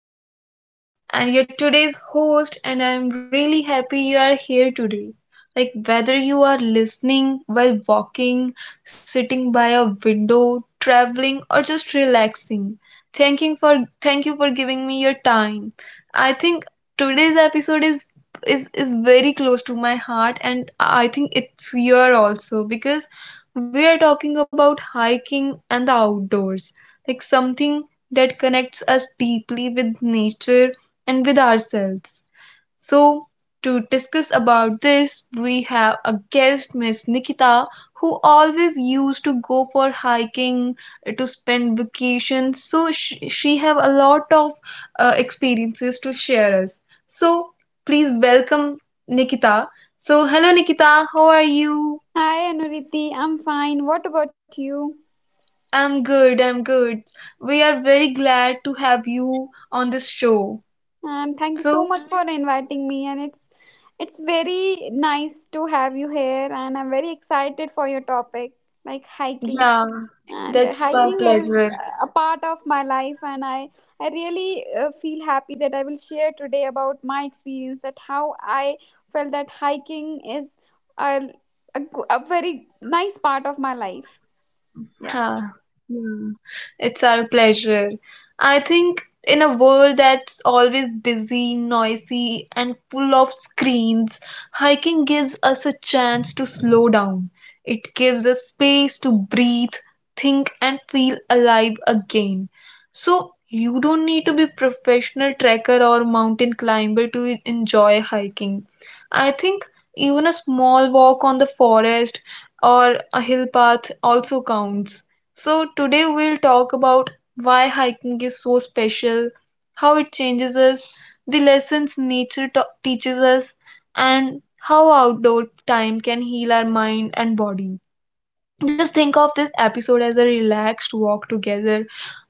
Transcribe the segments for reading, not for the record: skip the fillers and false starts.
is Anuriti, and your today's host, and I'm really happy you are here today. Like, whether you are listening while walking, sitting by a window, traveling, or just relaxing, thank you for giving me your time. I think today's episode is very close to my heart, and I think it's your also, because we are talking about hiking and the outdoors, like something that connects us deeply with nature and with ourselves. So, to discuss about this, we have a guest, Miss Nikita, who always used to go for hiking to spend vacation. So, she have a lot of experiences to share us. So, please welcome Nikita. So, hello Nikita, how are you? Hi Anuriti, I'm fine. What about you? I'm good, I'm good. We are very glad to have you on this show. And thank you so So, much for inviting me. And it's very nice to have you here. And I'm very excited for your topic, like hiking. yeah, And that's my hiking is pleasure. A part of my life, and I really feel happy that I will share today about my experience, that how I felt that hiking is a a very nice part of my life. Yeah. Huh. Hmm. It's our pleasure. I think in a world that's always busy, noisy, and full of screens, hiking gives us a chance to slow down. It gives us space to breathe, think, and feel alive again. So, you don't need to be professional trekker or mountain climber to enjoy hiking. I think even a small walk on the forest or a hill path also counts. So, today we'll talk about why hiking is so special, how it changes us, the lessons nature teaches us, and how outdoor time can heal our mind and body. Just think of this episode as a relaxed walk together,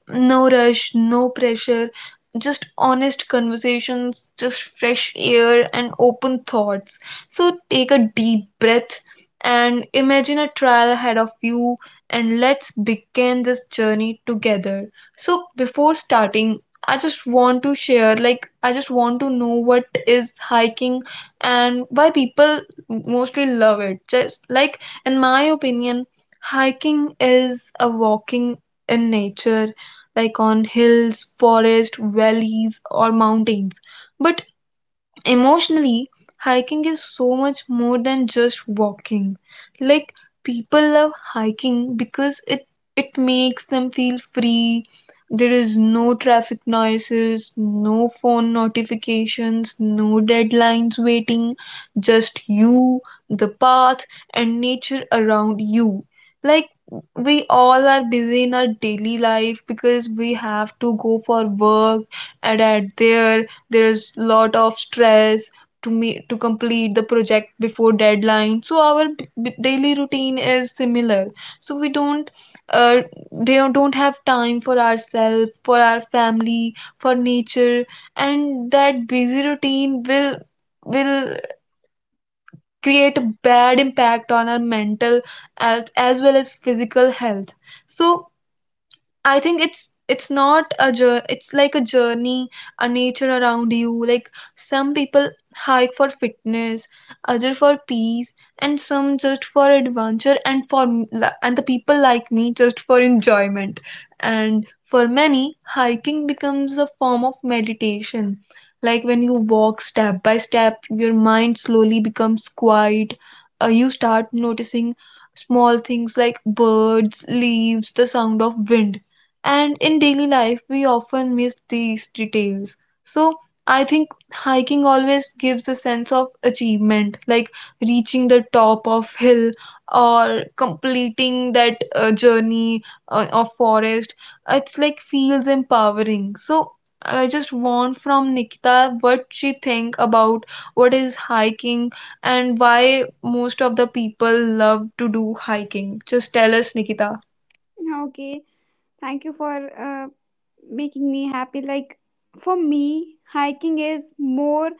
no rush, no pressure, just honest conversations, just fresh air and open thoughts. So take a deep breath and imagine a trial ahead of you, and let's begin this journey together. So before starting, I just want to share, like, I just want to know what is hiking and why people mostly love it. Just like in my opinion, hiking is a walking in nature, like on hills, forest, valleys, or mountains. But emotionally, hiking is so much more than just walking. Like, people love hiking because it makes them feel free. There is no traffic noises, no phone notifications, no deadlines waiting, just you, the path, and nature around you. Like, we all are busy in our daily life because we have to go for work, and at there is lot of stress to me to complete the project before deadline. So our daily routine is similar, so we don't uh, they don't have time for ourselves, for our family, for nature, and that busy routine will create a bad impact on our mental health as well as physical health. So I think it's not a jour it's like a journey, a nature around you. Like, some people hike for fitness, other for peace, and some just for adventure. And for m- li- and the people like me just for enjoyment. And for many, hiking becomes a form of meditation. Like, when you walk step by step, your mind slowly becomes quiet. You start noticing small things like birds, leaves, the sound of wind, and in daily life, we often miss these details. So I think hiking always gives a sense of achievement, like reaching the top of hill or completing that journey of forest. It's like feels empowering. So I just want from Nikita what she think about what is hiking and why most of the people love to do hiking. Just tell us, Nikita. Okay. Thank you for uh, making me happy, like for me hiking is more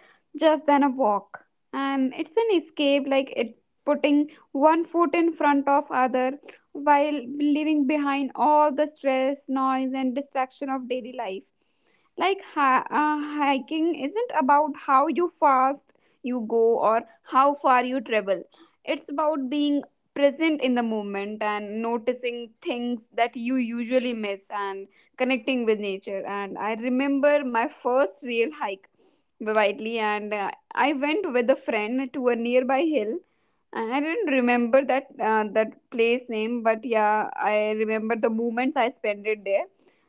just than a walk and it's an escape, like it putting one foot in front of other while leaving behind all the stress, noise and distraction of daily life. Like hiking isn't about how you fast you go or how far you travel. It's about being present in the moment and noticing things that you usually miss and connecting with nature. And I remember my first real hike vividly, and I went with a friend to a nearby hill. And I didn't remember that that place name, but yeah, I remember the moments I spent it there.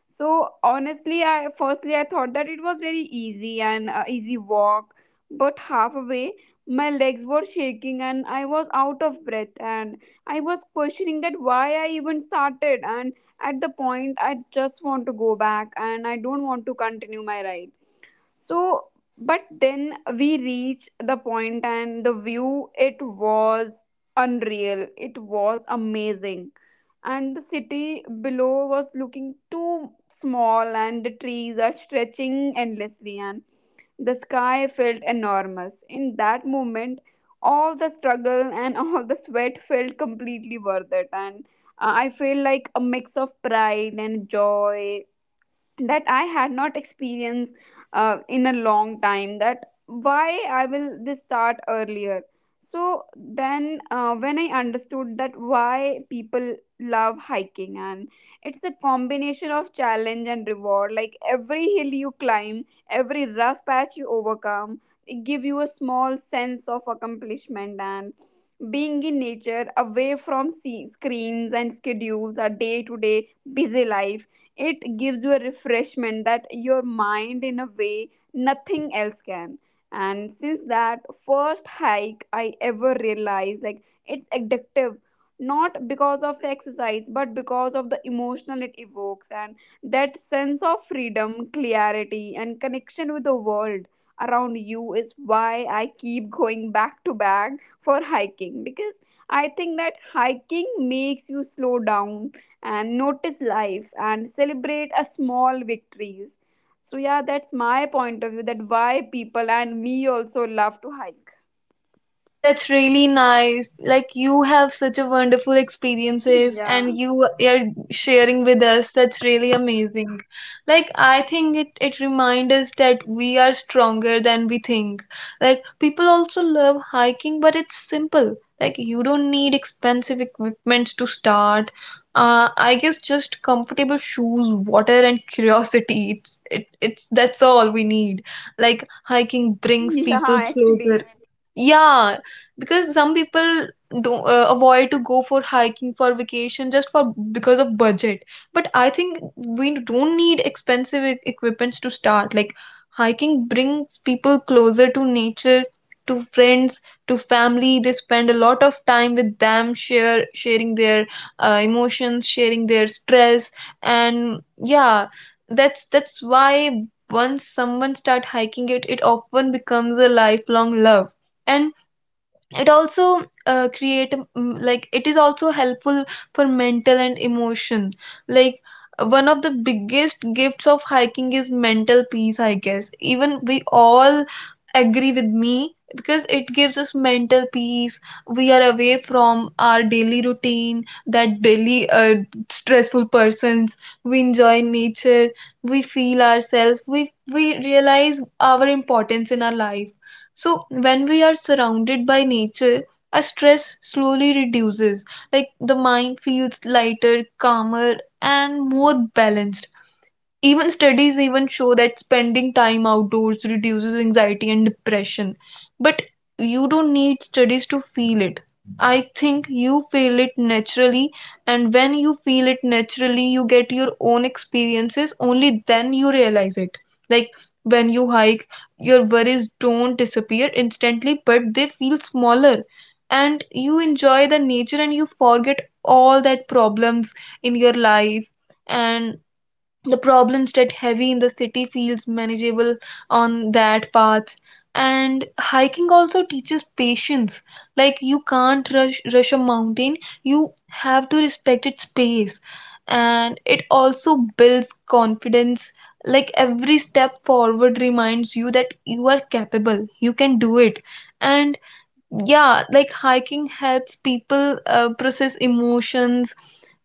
So honestly, I firstly I thought that it was very easy and easy walk, but halfway my legs were shaking and I was out of breath and I was questioning that why I even started. And at the point, I just want to go back and I don't want to continue my ride. So but then we reach the point and the view, it was unreal, it was amazing. And the city below was looking too small and the trees are stretching endlessly and the sky felt enormous. In that moment, all the struggle and all the sweat felt completely worth it. And I feel like a mix of pride and joy that I had not experienced in a long time. That why I will this start earlier. So then, when I understood that why people love hiking, and it's a combination of challenge and reward. Like every hill you climb, every rough patch you overcome, it give you a small sense of accomplishment. And being in nature away from screens and schedules, our day-to-day busy life, it gives you a refreshment that your mind in a way nothing else can. And since that first hike, I ever realized like it's addictive, not because of the exercise but because of the emotional it evokes. And that sense of freedom, clarity and connection with the world around you is why I keep going back to back for hiking, because I think that hiking makes you slow down and notice life and celebrate a small victories. So yeah, that's my point of view that why people and me also love to hike. That's really nice. Like, you have such a wonderful experiences Yeah. and you are sharing with us. That's really amazing. Like, I think it reminds us that we are stronger than we think. Like, people also love hiking, but it's simple. Like, you don't need expensive equipments to start. I guess just comfortable shoes, water, and curiosity. It's that's all we need. Like, hiking brings people Yeah, closer, actually. yeah, because some people don't avoid to go for hiking for vacation just for because of budget. But I think we don't need expensive equipments to start. Like, hiking brings people closer to nature, to friends, to family. They spend a lot of time with them, share sharing their emotions, sharing their stress, and yeah, that's why once someone start hiking it often becomes a lifelong love. And it also create like it is also helpful for mental and emotion. Like, one of the biggest gifts of hiking is mental peace, I guess. Even we all agree with me, because it gives us mental peace. We are away from our daily routine, that daily stressful persons. We enjoy nature, we feel ourselves, we realize our importance in our life. So, when we are surrounded by nature, our stress slowly reduces. Like, the mind feels lighter, calmer, and more balanced. Even studies even show that spending time outdoors reduces anxiety and depression. But you don't need studies to feel it. I think you feel it naturally, and when you feel it naturally, you get your own experiences. Only then you realize it. Like, when you hike, your worries don't disappear instantly, but they feel smaller. And you enjoy the nature and you forget all that problems in your life, and the problems that heavy in the city feels manageable on that path. And hiking also teaches patience. Like, you can't rush a mountain, you have to respect its pace. And it also builds confidence. Like, every step forward reminds you that you are capable, you can do it. And yeah, like, hiking helps people process emotions.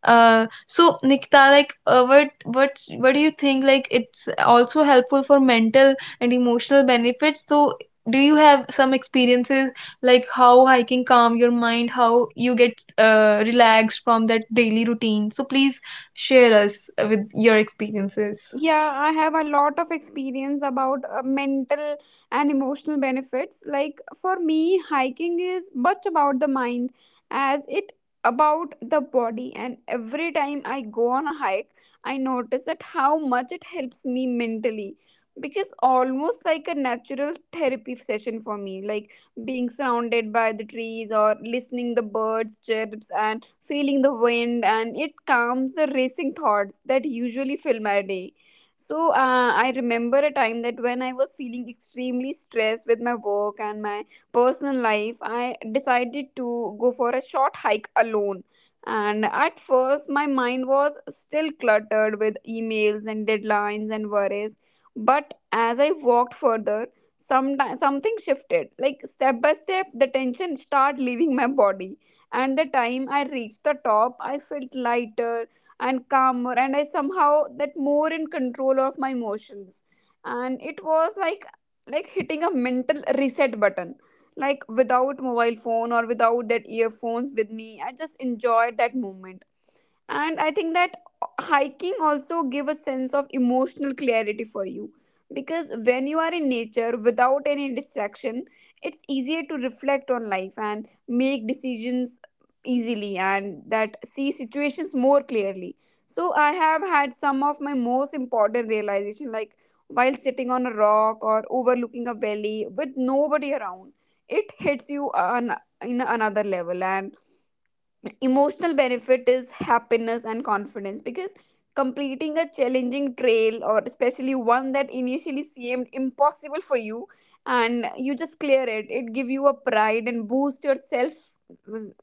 So Nikita, like, what do you think, like, it's also helpful for mental and emotional benefits, so do you have some experiences like how hiking calm your mind, how you get relaxed from that daily routine? So please share us with your experiences. Yeah, I have a lot of experience about mental and emotional benefits. Like for me, hiking is much about the mind as it about the body. And every time I go on a hike, I notice that how much it helps me mentally, because almost like a natural therapy session for me, like being surrounded by the trees or listening the birds chirps and feeling the wind, and it calms the racing thoughts that usually fill my day. So I remember a time that when I was feeling extremely stressed with my work and my personal life, I decided to go for a short hike alone. And at first, my mind was still cluttered with emails and deadlines and worries. But as I walked further, something shifted. Like step by step, the tension started leaving my body. And the time I reached the top, I felt lighter and calmer, and I somehow that more in control of my emotions. And it was like hitting a mental reset button, like without mobile phone or without that earphones with me, I just enjoyed that moment. And I think that hiking also give a sense of emotional clarity for you, because when you are in nature without any distraction, it's easier to reflect on life and make decisions easily and that see situations more clearly. So I have had some of my most important realization, like while sitting on a rock or overlooking a valley with nobody around, it hits you on in another level. And emotional benefit is happiness and confidence, because completing a challenging trail, or especially one that initially seemed impossible for you, and you just clear it, it give you a pride and boost your self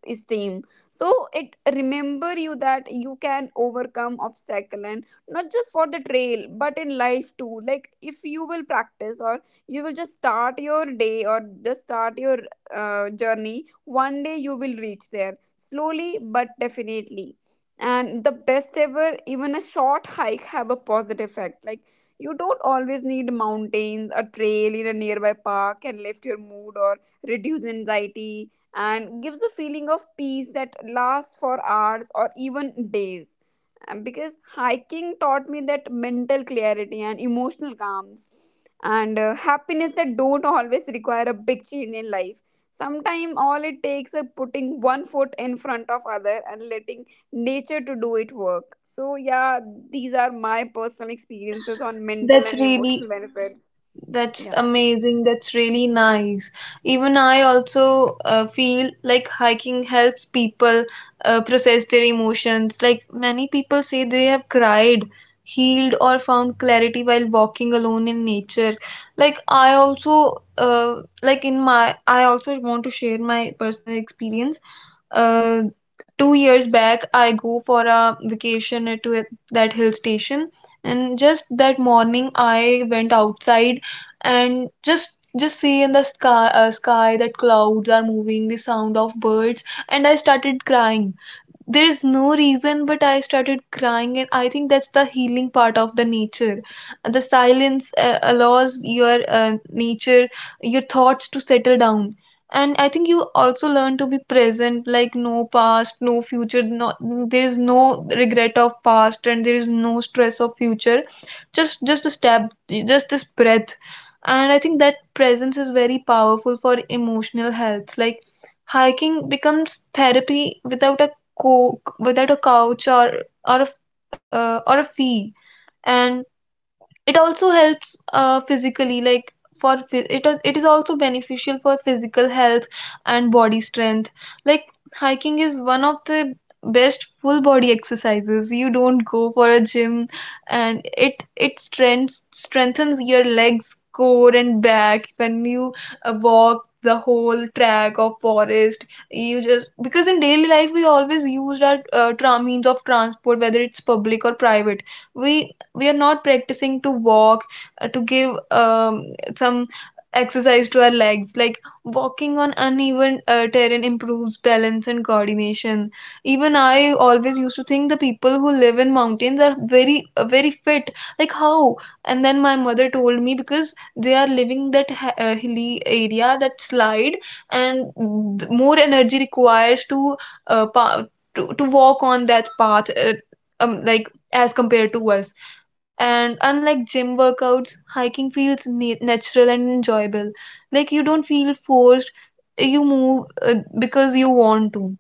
esteem. So it remember you that you can overcome obstacle, and not just for the trail but in life too. Like if you will practice, or you will just start your day or just start your journey, one day you will reach there slowly but definitely. And the best ever, even a short hike have a positive effect. Like you don't always need mountains, a trail in a nearby park can lift your mood or reduce anxiety and gives a feeling of peace that lasts for hours or even days. Because hiking taught me that mental clarity and emotional calms and happiness that don't always require a big change in life. Sometimes all it takes is putting one foot in front of other and letting nature to do it work. So yeah, these are my personal experiences that's on mental that's and emotional really benefits. That's Yeah. amazing. That's really nice. Even I also feel like hiking helps people process their emotions. Like, many people say they have cried, healed, or found clarity while walking alone in nature. I also want to share my personal experience. uh, 2 years back I go for a vacation that hill station, and just that morning I went outside and just see in the sky, that clouds are moving, the sound of birds, and I started crying. There is no reason, but I started crying, and I think that's the healing part of the nature. The silence allows your thoughts to settle down. And I think you also learn to be present, like, no past, no future, there is no regret of past and there is no stress of future. Just a step, just this breath. And I think that presence is very powerful for emotional health. Like, hiking becomes therapy without a without a couch, or a, f- or a fee. And it also helps physically. Like, for it is also beneficial for physical health and body strength. Like, hiking is one of the best full body exercises, you don't go for a gym. And it strengths strengthens your legs, core, and back. When you walk the whole track of forest, you just, because in daily life we always used our means of transport, whether it's public or private, we we are not practicing to walk, to give some exercise to our legs. Like, walking on uneven terrain improves balance and coordination. Even I always used to think the people who live in mountains are very fit, like how. And then my mother told me, because they are living that hilly area, that slide, and more energy requires uh, pa- to walk on that path, like as compared to us. And unlike gym workouts, hiking feels natural and enjoyable. Like, you don't feel forced, you move because you want to.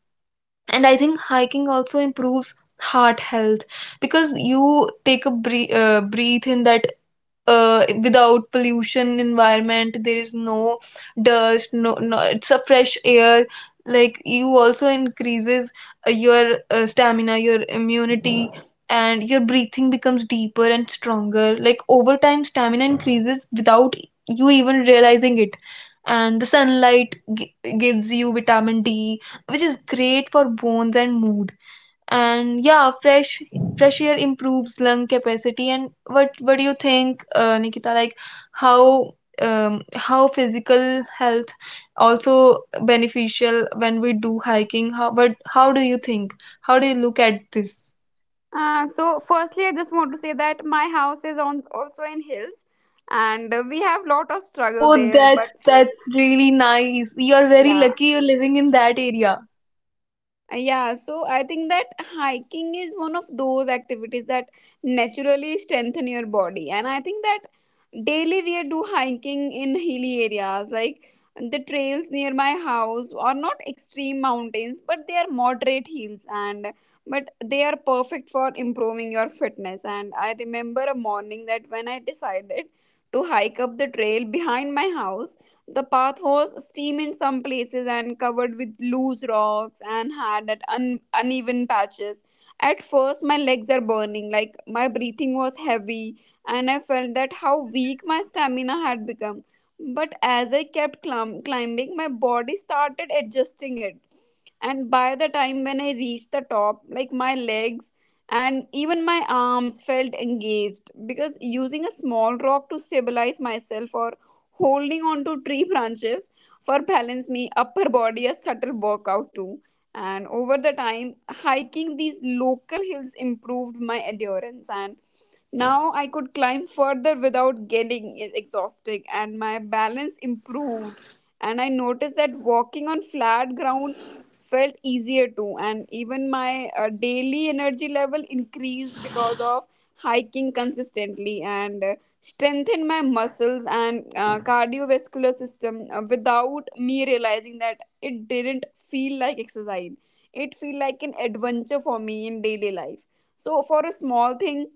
And I think hiking also improves heart health, because you take a breathe in that without pollution environment. There is no dust, no, no, it's a fresh air. Like, you also increases your stamina, your immunity, and your breathing becomes deeper and stronger. Like, over time stamina increases without you even realizing it, and the sunlight gives you vitamin D, which is great for bones and mood. And yeah, fresh air improves lung capacity. And what do you think, Nikita? Like, how how physical health also beneficial when we do hiking? How but how do you think? How do you look at this? So firstly I just want to say that my house is on also in hills, and we have lot of struggle Oh, there but that's really nice. You are very yeah. lucky. You're living in that area. Yeah, so I think that hiking is one of those activities that naturally strengthen your body. And I think that daily we do hiking in hilly areas, like the trails near my house are not extreme mountains, but they are moderate hills and but they are perfect for improving your fitness. And I remember a morning that when I decided to hike up the trail behind my house, the path was steep in some places and covered with loose rocks and had that uneven patches. At first, my legs are burning, like my breathing was heavy, and I felt that how weak my stamina had become. But as I kept climbing, my body started adjusting it. And by the time when I reached the top, like my legs and even my arms felt engaged, because using a small rock to stabilize myself or holding on to tree branches for balance me upper body a subtle workout too. And over the time, hiking these local hills improved my endurance, and now I could climb further without getting exhausted, and my balance improved. And I noticed that walking on flat ground felt easier too, and even my daily energy level increased because of hiking consistently and strengthen my muscles and cardiovascular system. Without me realizing that, it didn't feel like exercise, it feel like an adventure for me in daily life. So for a small thing,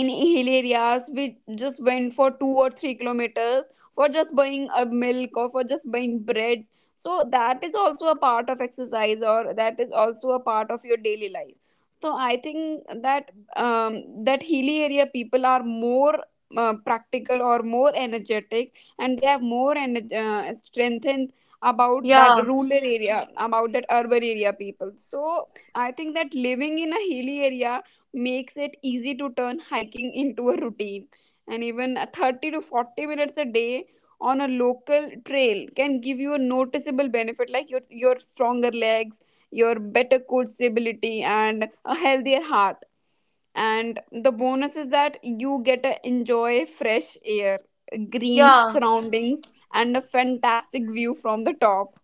in hill areas we just went for 2 or 3 kilometers for just buying a milk or for just buying breads. So that is also a part of exercise, or that is also a part of your daily life. So I think that um, that hilly area people are more practical or more energetic, and they have more strengthened about that Yeah, rural area, about that urban area people. So I think that living in a hilly area makes it easy to turn hiking into a routine. And even 30 to 40 minutes a day on a local trail can give you a noticeable benefit, like your stronger legs, your better core stability, and a healthier heart. And the bonus is that you get to enjoy fresh air, green yeah. surroundings, and a fantastic view from the top.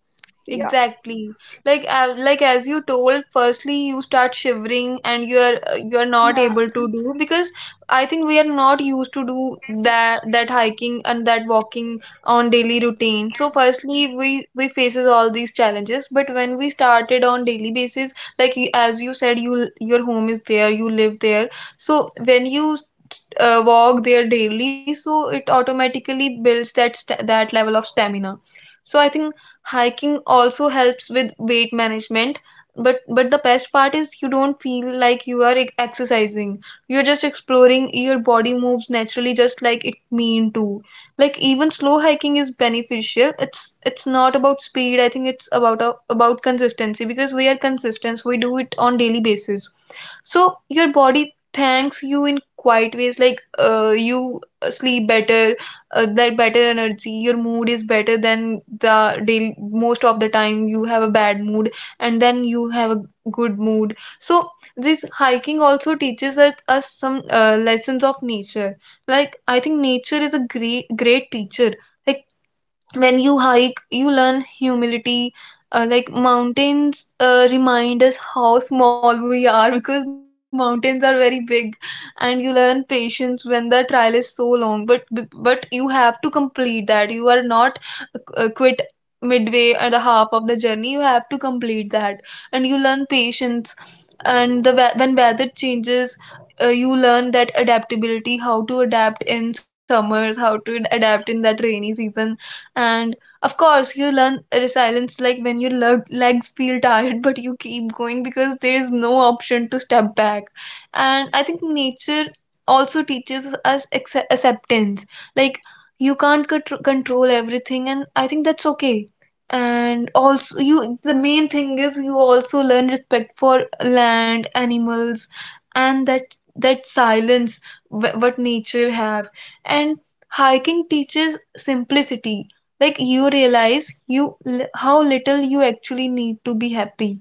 Yeah. Exactly. Like as you told, firstly you start shivering and you're not Yeah. able to do because I think we are not used to do that hiking and that walking on daily routine. So firstly we faces all these challenges, but when we started on daily basis, like as you said, you your home is there, you live there. So when you walk there daily so it automatically builds that that level of stamina, so I think hiking also helps with weight management, but the best part is you don't feel like you are exercising, you're just exploring, your body moves naturally just like it mean to. Like even slow hiking is beneficial, it's not about speed, I think it's about about consistency, because we are consistent, we do it on daily basis, so your body thanks you in quiet ways, like you sleep better, that better energy, your mood is better than the daily. Most of the time you have a bad mood and then you have a good mood. So this hiking also teaches us some lessons of nature. Like I think nature is a great teacher. Like when you hike you learn humility, like mountains remind us how small we are, because mountains are very big. And you learn patience when the trial is so long, but you have to complete that, you are not quit midway or the half of the journey, you have to complete that. And you learn patience. And the when weather changes, you learn that adaptability, how to adapt in summers, how to adapt in that rainy season. And of course you learn resilience, like when your legs feel tired but you keep going because there is no option to step back. And I think nature also teaches us acceptance. Like you can't control everything, and I think that's okay. And also you, the main thing is you also learn respect for land animals and that, that silence what nature have. And hiking teaches simplicity, like you realize you, how little you actually need to be happy.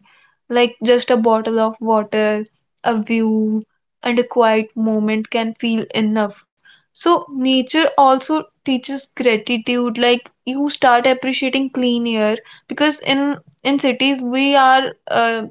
Like just a bottle of water, a view, and a quiet moment can feel enough. So nature also teaches gratitude, like you start appreciating clean air, because in cities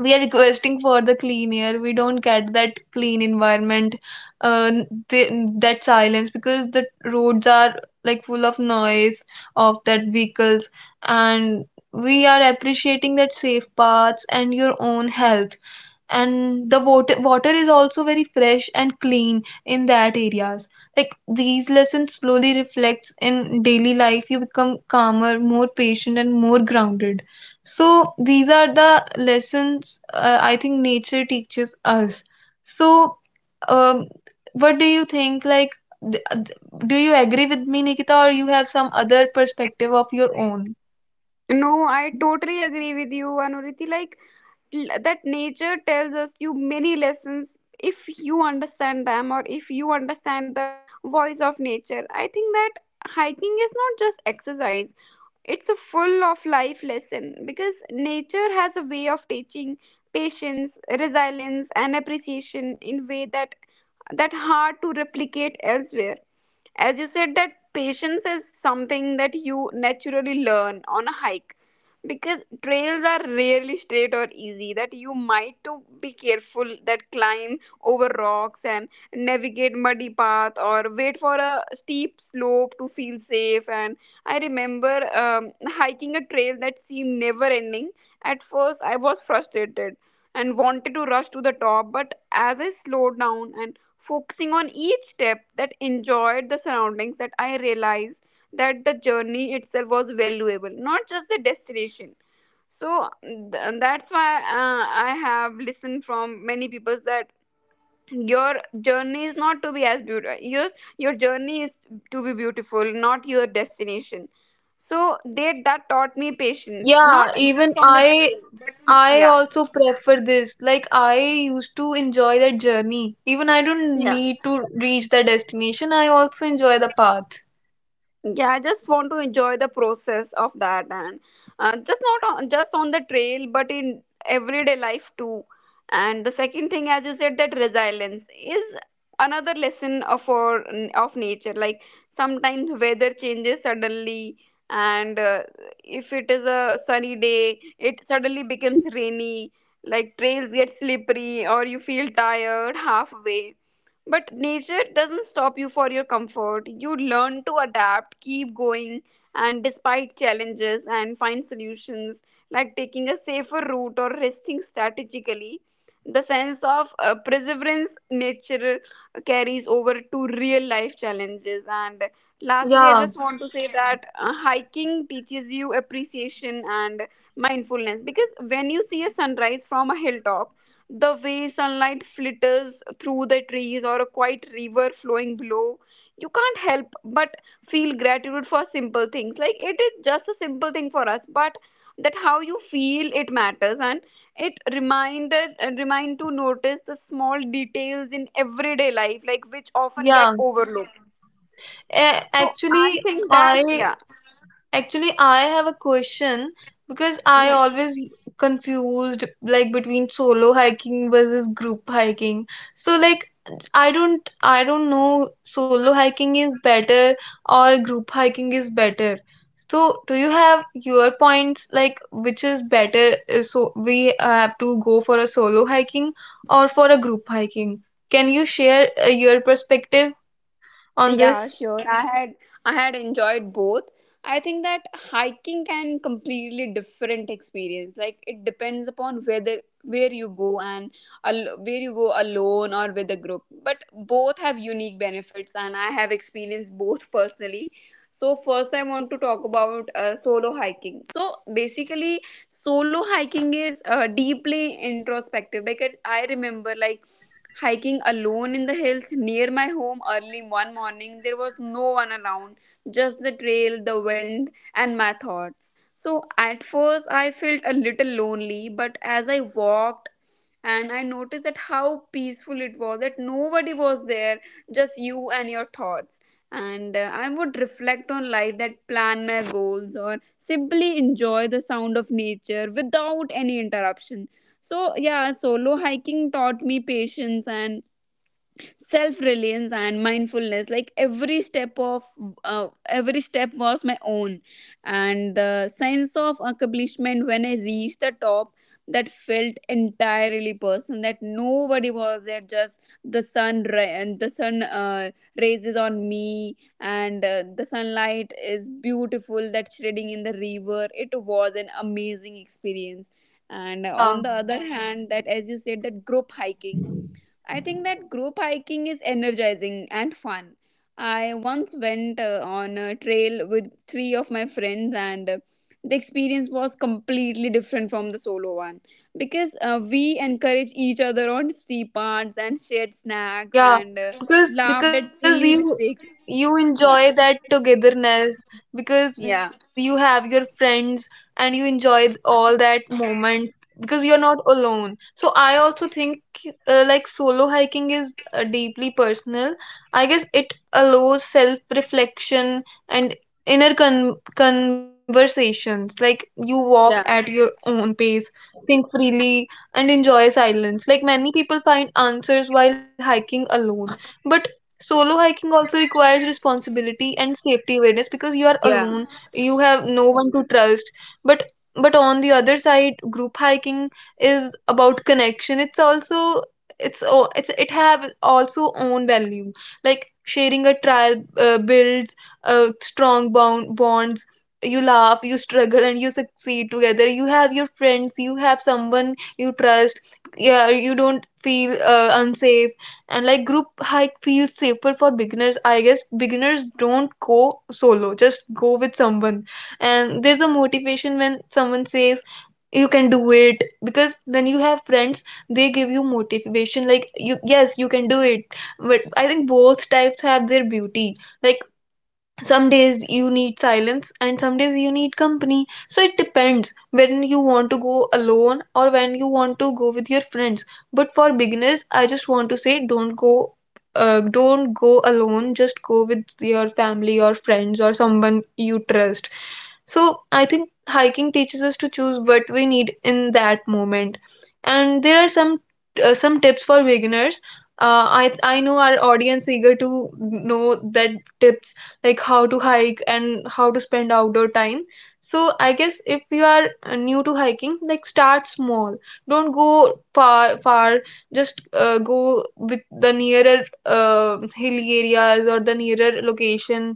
we are requesting for the clean air, we don't get that clean environment. uh, the, that silence, because the roads are like full of noise of that vehicles. And we are appreciating that safe paths and your own health. And the water is also very fresh and clean in that areas. Like these lessons slowly reflects in daily life, you become calmer, more patient, and more grounded. So these are the lessons I think nature teaches us. So um, what do you think, like th- th- do you agree with me, Nikita, or you have some other perspective of your own? No, I totally agree with you, Anuriti. Like, that nature tells us you many lessons. If you understand them, or if you understand the voice of nature, I think that hiking is not just exercise, it's a full of life lesson. Because nature has a way of teaching patience, resilience and appreciation in way that that hard to replicate elsewhere. As you said that patience is something that you naturally learn on a hike, because trails are rarely straight or easy, that you might to be careful that climb over rocks and navigate muddy path or wait for a steep slope to feel safe. And I remember hiking a trail that seemed never ending. At first I was frustrated and wanted to rush to the top, but as I slowed down and focusing on each step, that enjoyed the surroundings, that I realized that the journey itself was valuable, not just the destination. So that's why I have listened from many people that your journey is not to be as beautiful. Yours, your journey is to be beautiful, not your destination. So they that taught me even patience, not yeah even just on the i trail, but I yeah, also prefer this. Like, I used to enjoy that journey. Even I don't yeah. need to reach the destination, I also enjoy the path. Yeah I just want to enjoy the process of that. And just not on, just on the trail but in everyday life too. And the second thing, as you said, that resilience is another lesson of our, of nature. Like sometimes weather changes suddenly, and if it is a sunny day it suddenly becomes rainy, like trails get slippery or you feel tired halfway. But nature doesn't stop you for your comfort. You learn to adapt, keep going, and despite challenges, and find solutions like taking a safer route or resting strategically. The sense of perseverance nature carries over to real life challenges. And lastly, I Yeah, just want to say that hiking teaches you appreciation and mindfulness, because when you see a sunrise from a hilltop, the way sunlight flitters through the trees or a quiet river flowing below, you can't help but feel gratitude for simple things. Like it is just a simple thing for us, but that how you feel it matters. And it reminded and remind to notice the small details in everyday life, like which often get yeah. overlooked. Actually, I, yeah actually, I have a question, because I yeah always confused like between solo hiking versus group hiking. So like I don't know solo hiking is better or group hiking is better. So do you have your points like which is better? So we have to go for a solo hiking or for a group hiking. Can you share your perspective on Yeah, this? sure. I had enjoyed both. I think that hiking can completely different experience. Like it depends upon whether where you go and where you go alone or with a group. But both have unique benefits, and I have experienced both personally. So first, I want to talk about solo hiking. So basically, solo hiking is deeply introspective. Because I remember like hiking alone in the hills near my home early one morning. There was no one around, just the trail, the wind, and my thoughts. So at first I felt a little lonely, but as I walked and I noticed that how peaceful it was, that nobody was there, just you and your thoughts. And I would reflect on life, that plan my goals, or simply enjoy the sound of nature without any interruption. So, yeah, solo hiking taught me patience and self reliance and mindfulness, like every step was my own. And the sense of accomplishment when I reached the top, that felt entirely personal, that nobody was there, just the sun raises on me, and the sunlight is beautiful that shredding in the river. It was an amazing experience. And on Yeah. the other hand, that as you said, that group hiking, I think that group hiking is energizing and fun. I once went on a trail with 3 of my friends, and the experience was completely different from the solo one, because we encouraged each other on steep paths and shared snacks Yeah, and because laughed at because you silly mistakes. you enjoy Yeah, that togetherness because you yeah, have your friends and you enjoy all that moments because you're not alone. So I also think like solo hiking is deeply personal. I guess it allows self-reflection and inner conversations. Like you walk at yeah, your own pace, think freely, and enjoy silence. Like many people find answers while hiking alone, but solo hiking also requires responsibility and safety awareness, because you are yeah. alone, you have no one to trust. But but on the other side, group hiking is about connection. It's also, it's it have also own value. Like sharing a trial builds strong bonds. You laugh, you struggle, and you succeed together. You have your friends, you have someone you trust. Yeah, you don't feel unsafe. And like group hike feels safer for beginners, I guess. Beginners don't go solo, just go with someone. And there's a motivation when someone says you can do it, because when you have friends they give you motivation, like you, yes you can do it. But I think both types have their beauty. Like some days you need silence and some days you need company, so it depends when you want to go alone or when you want to go with your friends. But for beginners I just want to say, don't go alone, just go with your family or friends or someone you trust. So I think hiking teaches us to choose what we need in that moment. And there are some tips for beginners. I know our audience eager to know that tips, like how to hike and how to spend outdoor time. So I guess if you are new to hiking, like start small, don't go far, just go with the nearer hilly areas or the nearer location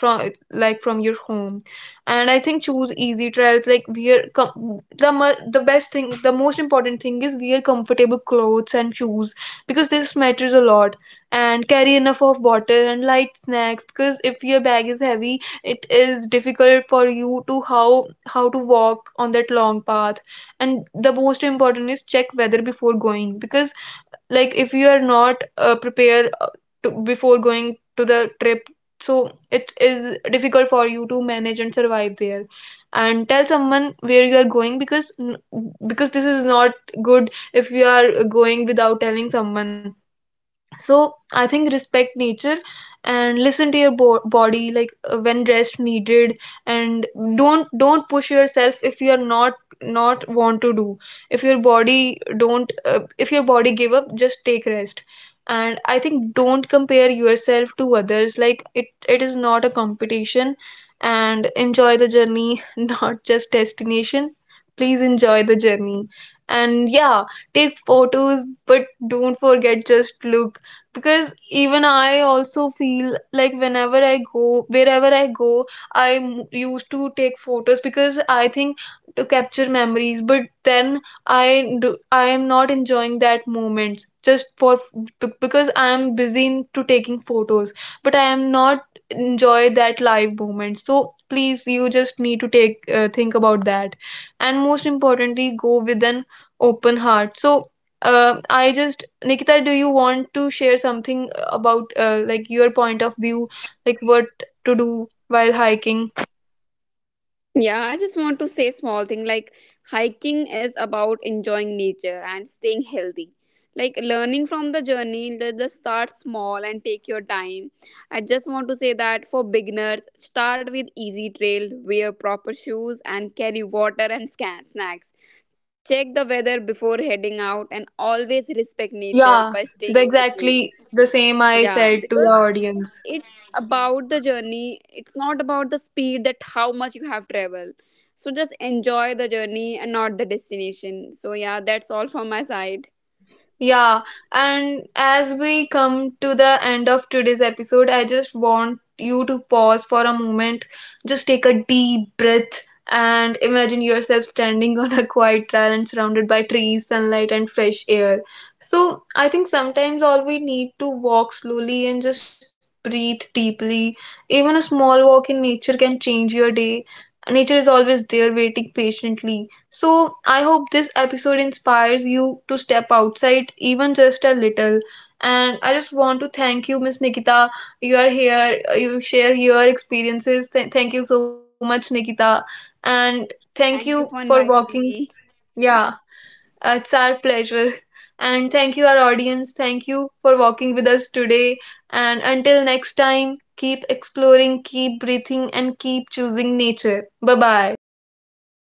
from, like from your home. And I think choose easy trails, like wear the the best thing, the most important thing is wear comfortable clothes and shoes, because this matters a lot. And carry enough of water and light snacks, because if your bag is heavy it is difficult for you to how to walk on that long path. And the most important is check weather before going, because like if you are not prepared to, before going to the trip, so it is difficult for you to manage and survive there. And tell someone where you are going, because this is not good if you are going without telling someone. So I think respect nature and listen to your body, like when rest needed. And don't push yourself if you are not not want to do. If your body don't if your body give up, just take rest. And I think don't compare yourself to others, like it is not a competition. And enjoy the journey not just destination. Please enjoy the journey. And yeah, take photos but don't forget just look. Because even I also feel like whenever I go, wherever I go, I used to take photos because I think to capture memories, but then I, do I am not enjoying that moment just for because I am busy into taking photos, but I am not enjoy that live moment. So please, you just need to take think about that. And most importantly, go with an open heart. So, I just, Nikita, do you want to share something about like your point of view, like what to do while hiking? Yeah, I just want to say small thing, like hiking is about enjoying nature and staying healthy. Like learning from the journey, just start small and take your time. I just want to say that for beginners, start with easy trail, wear proper shoes and carry water and scan snacks. Check the weather before heading out, and always respect nature by Yeah, staying the on the trail. exactly the same I Yeah, said to the because audience. it's about the journey, it's not about the speed, that how much you have traveled. So just enjoy the journey and not the destination. So yeah, that's all from my side. Yeah, and as we come to the end of today's episode, I just want you to pause for a moment, just take a deep breath, and imagine yourself standing on a quiet trail, and surrounded by trees, sunlight, and fresh air. So, I think sometimes all we need to walk slowly and just breathe deeply. Even a small walk in nature can change your day. Nature is always there waiting patiently. So, I hope this episode inspires you to step outside, even just a little. And I just want to thank you, Miss Nikita. You are here, you share your experiences. Thank you so much, Nikita. And thank you Thank you for for walking. inviting me. Yeah, it's our pleasure. And thank you, our audience. Thank you for walking with us today. And until next time, keep exploring, keep breathing, and keep choosing nature. Bye bye.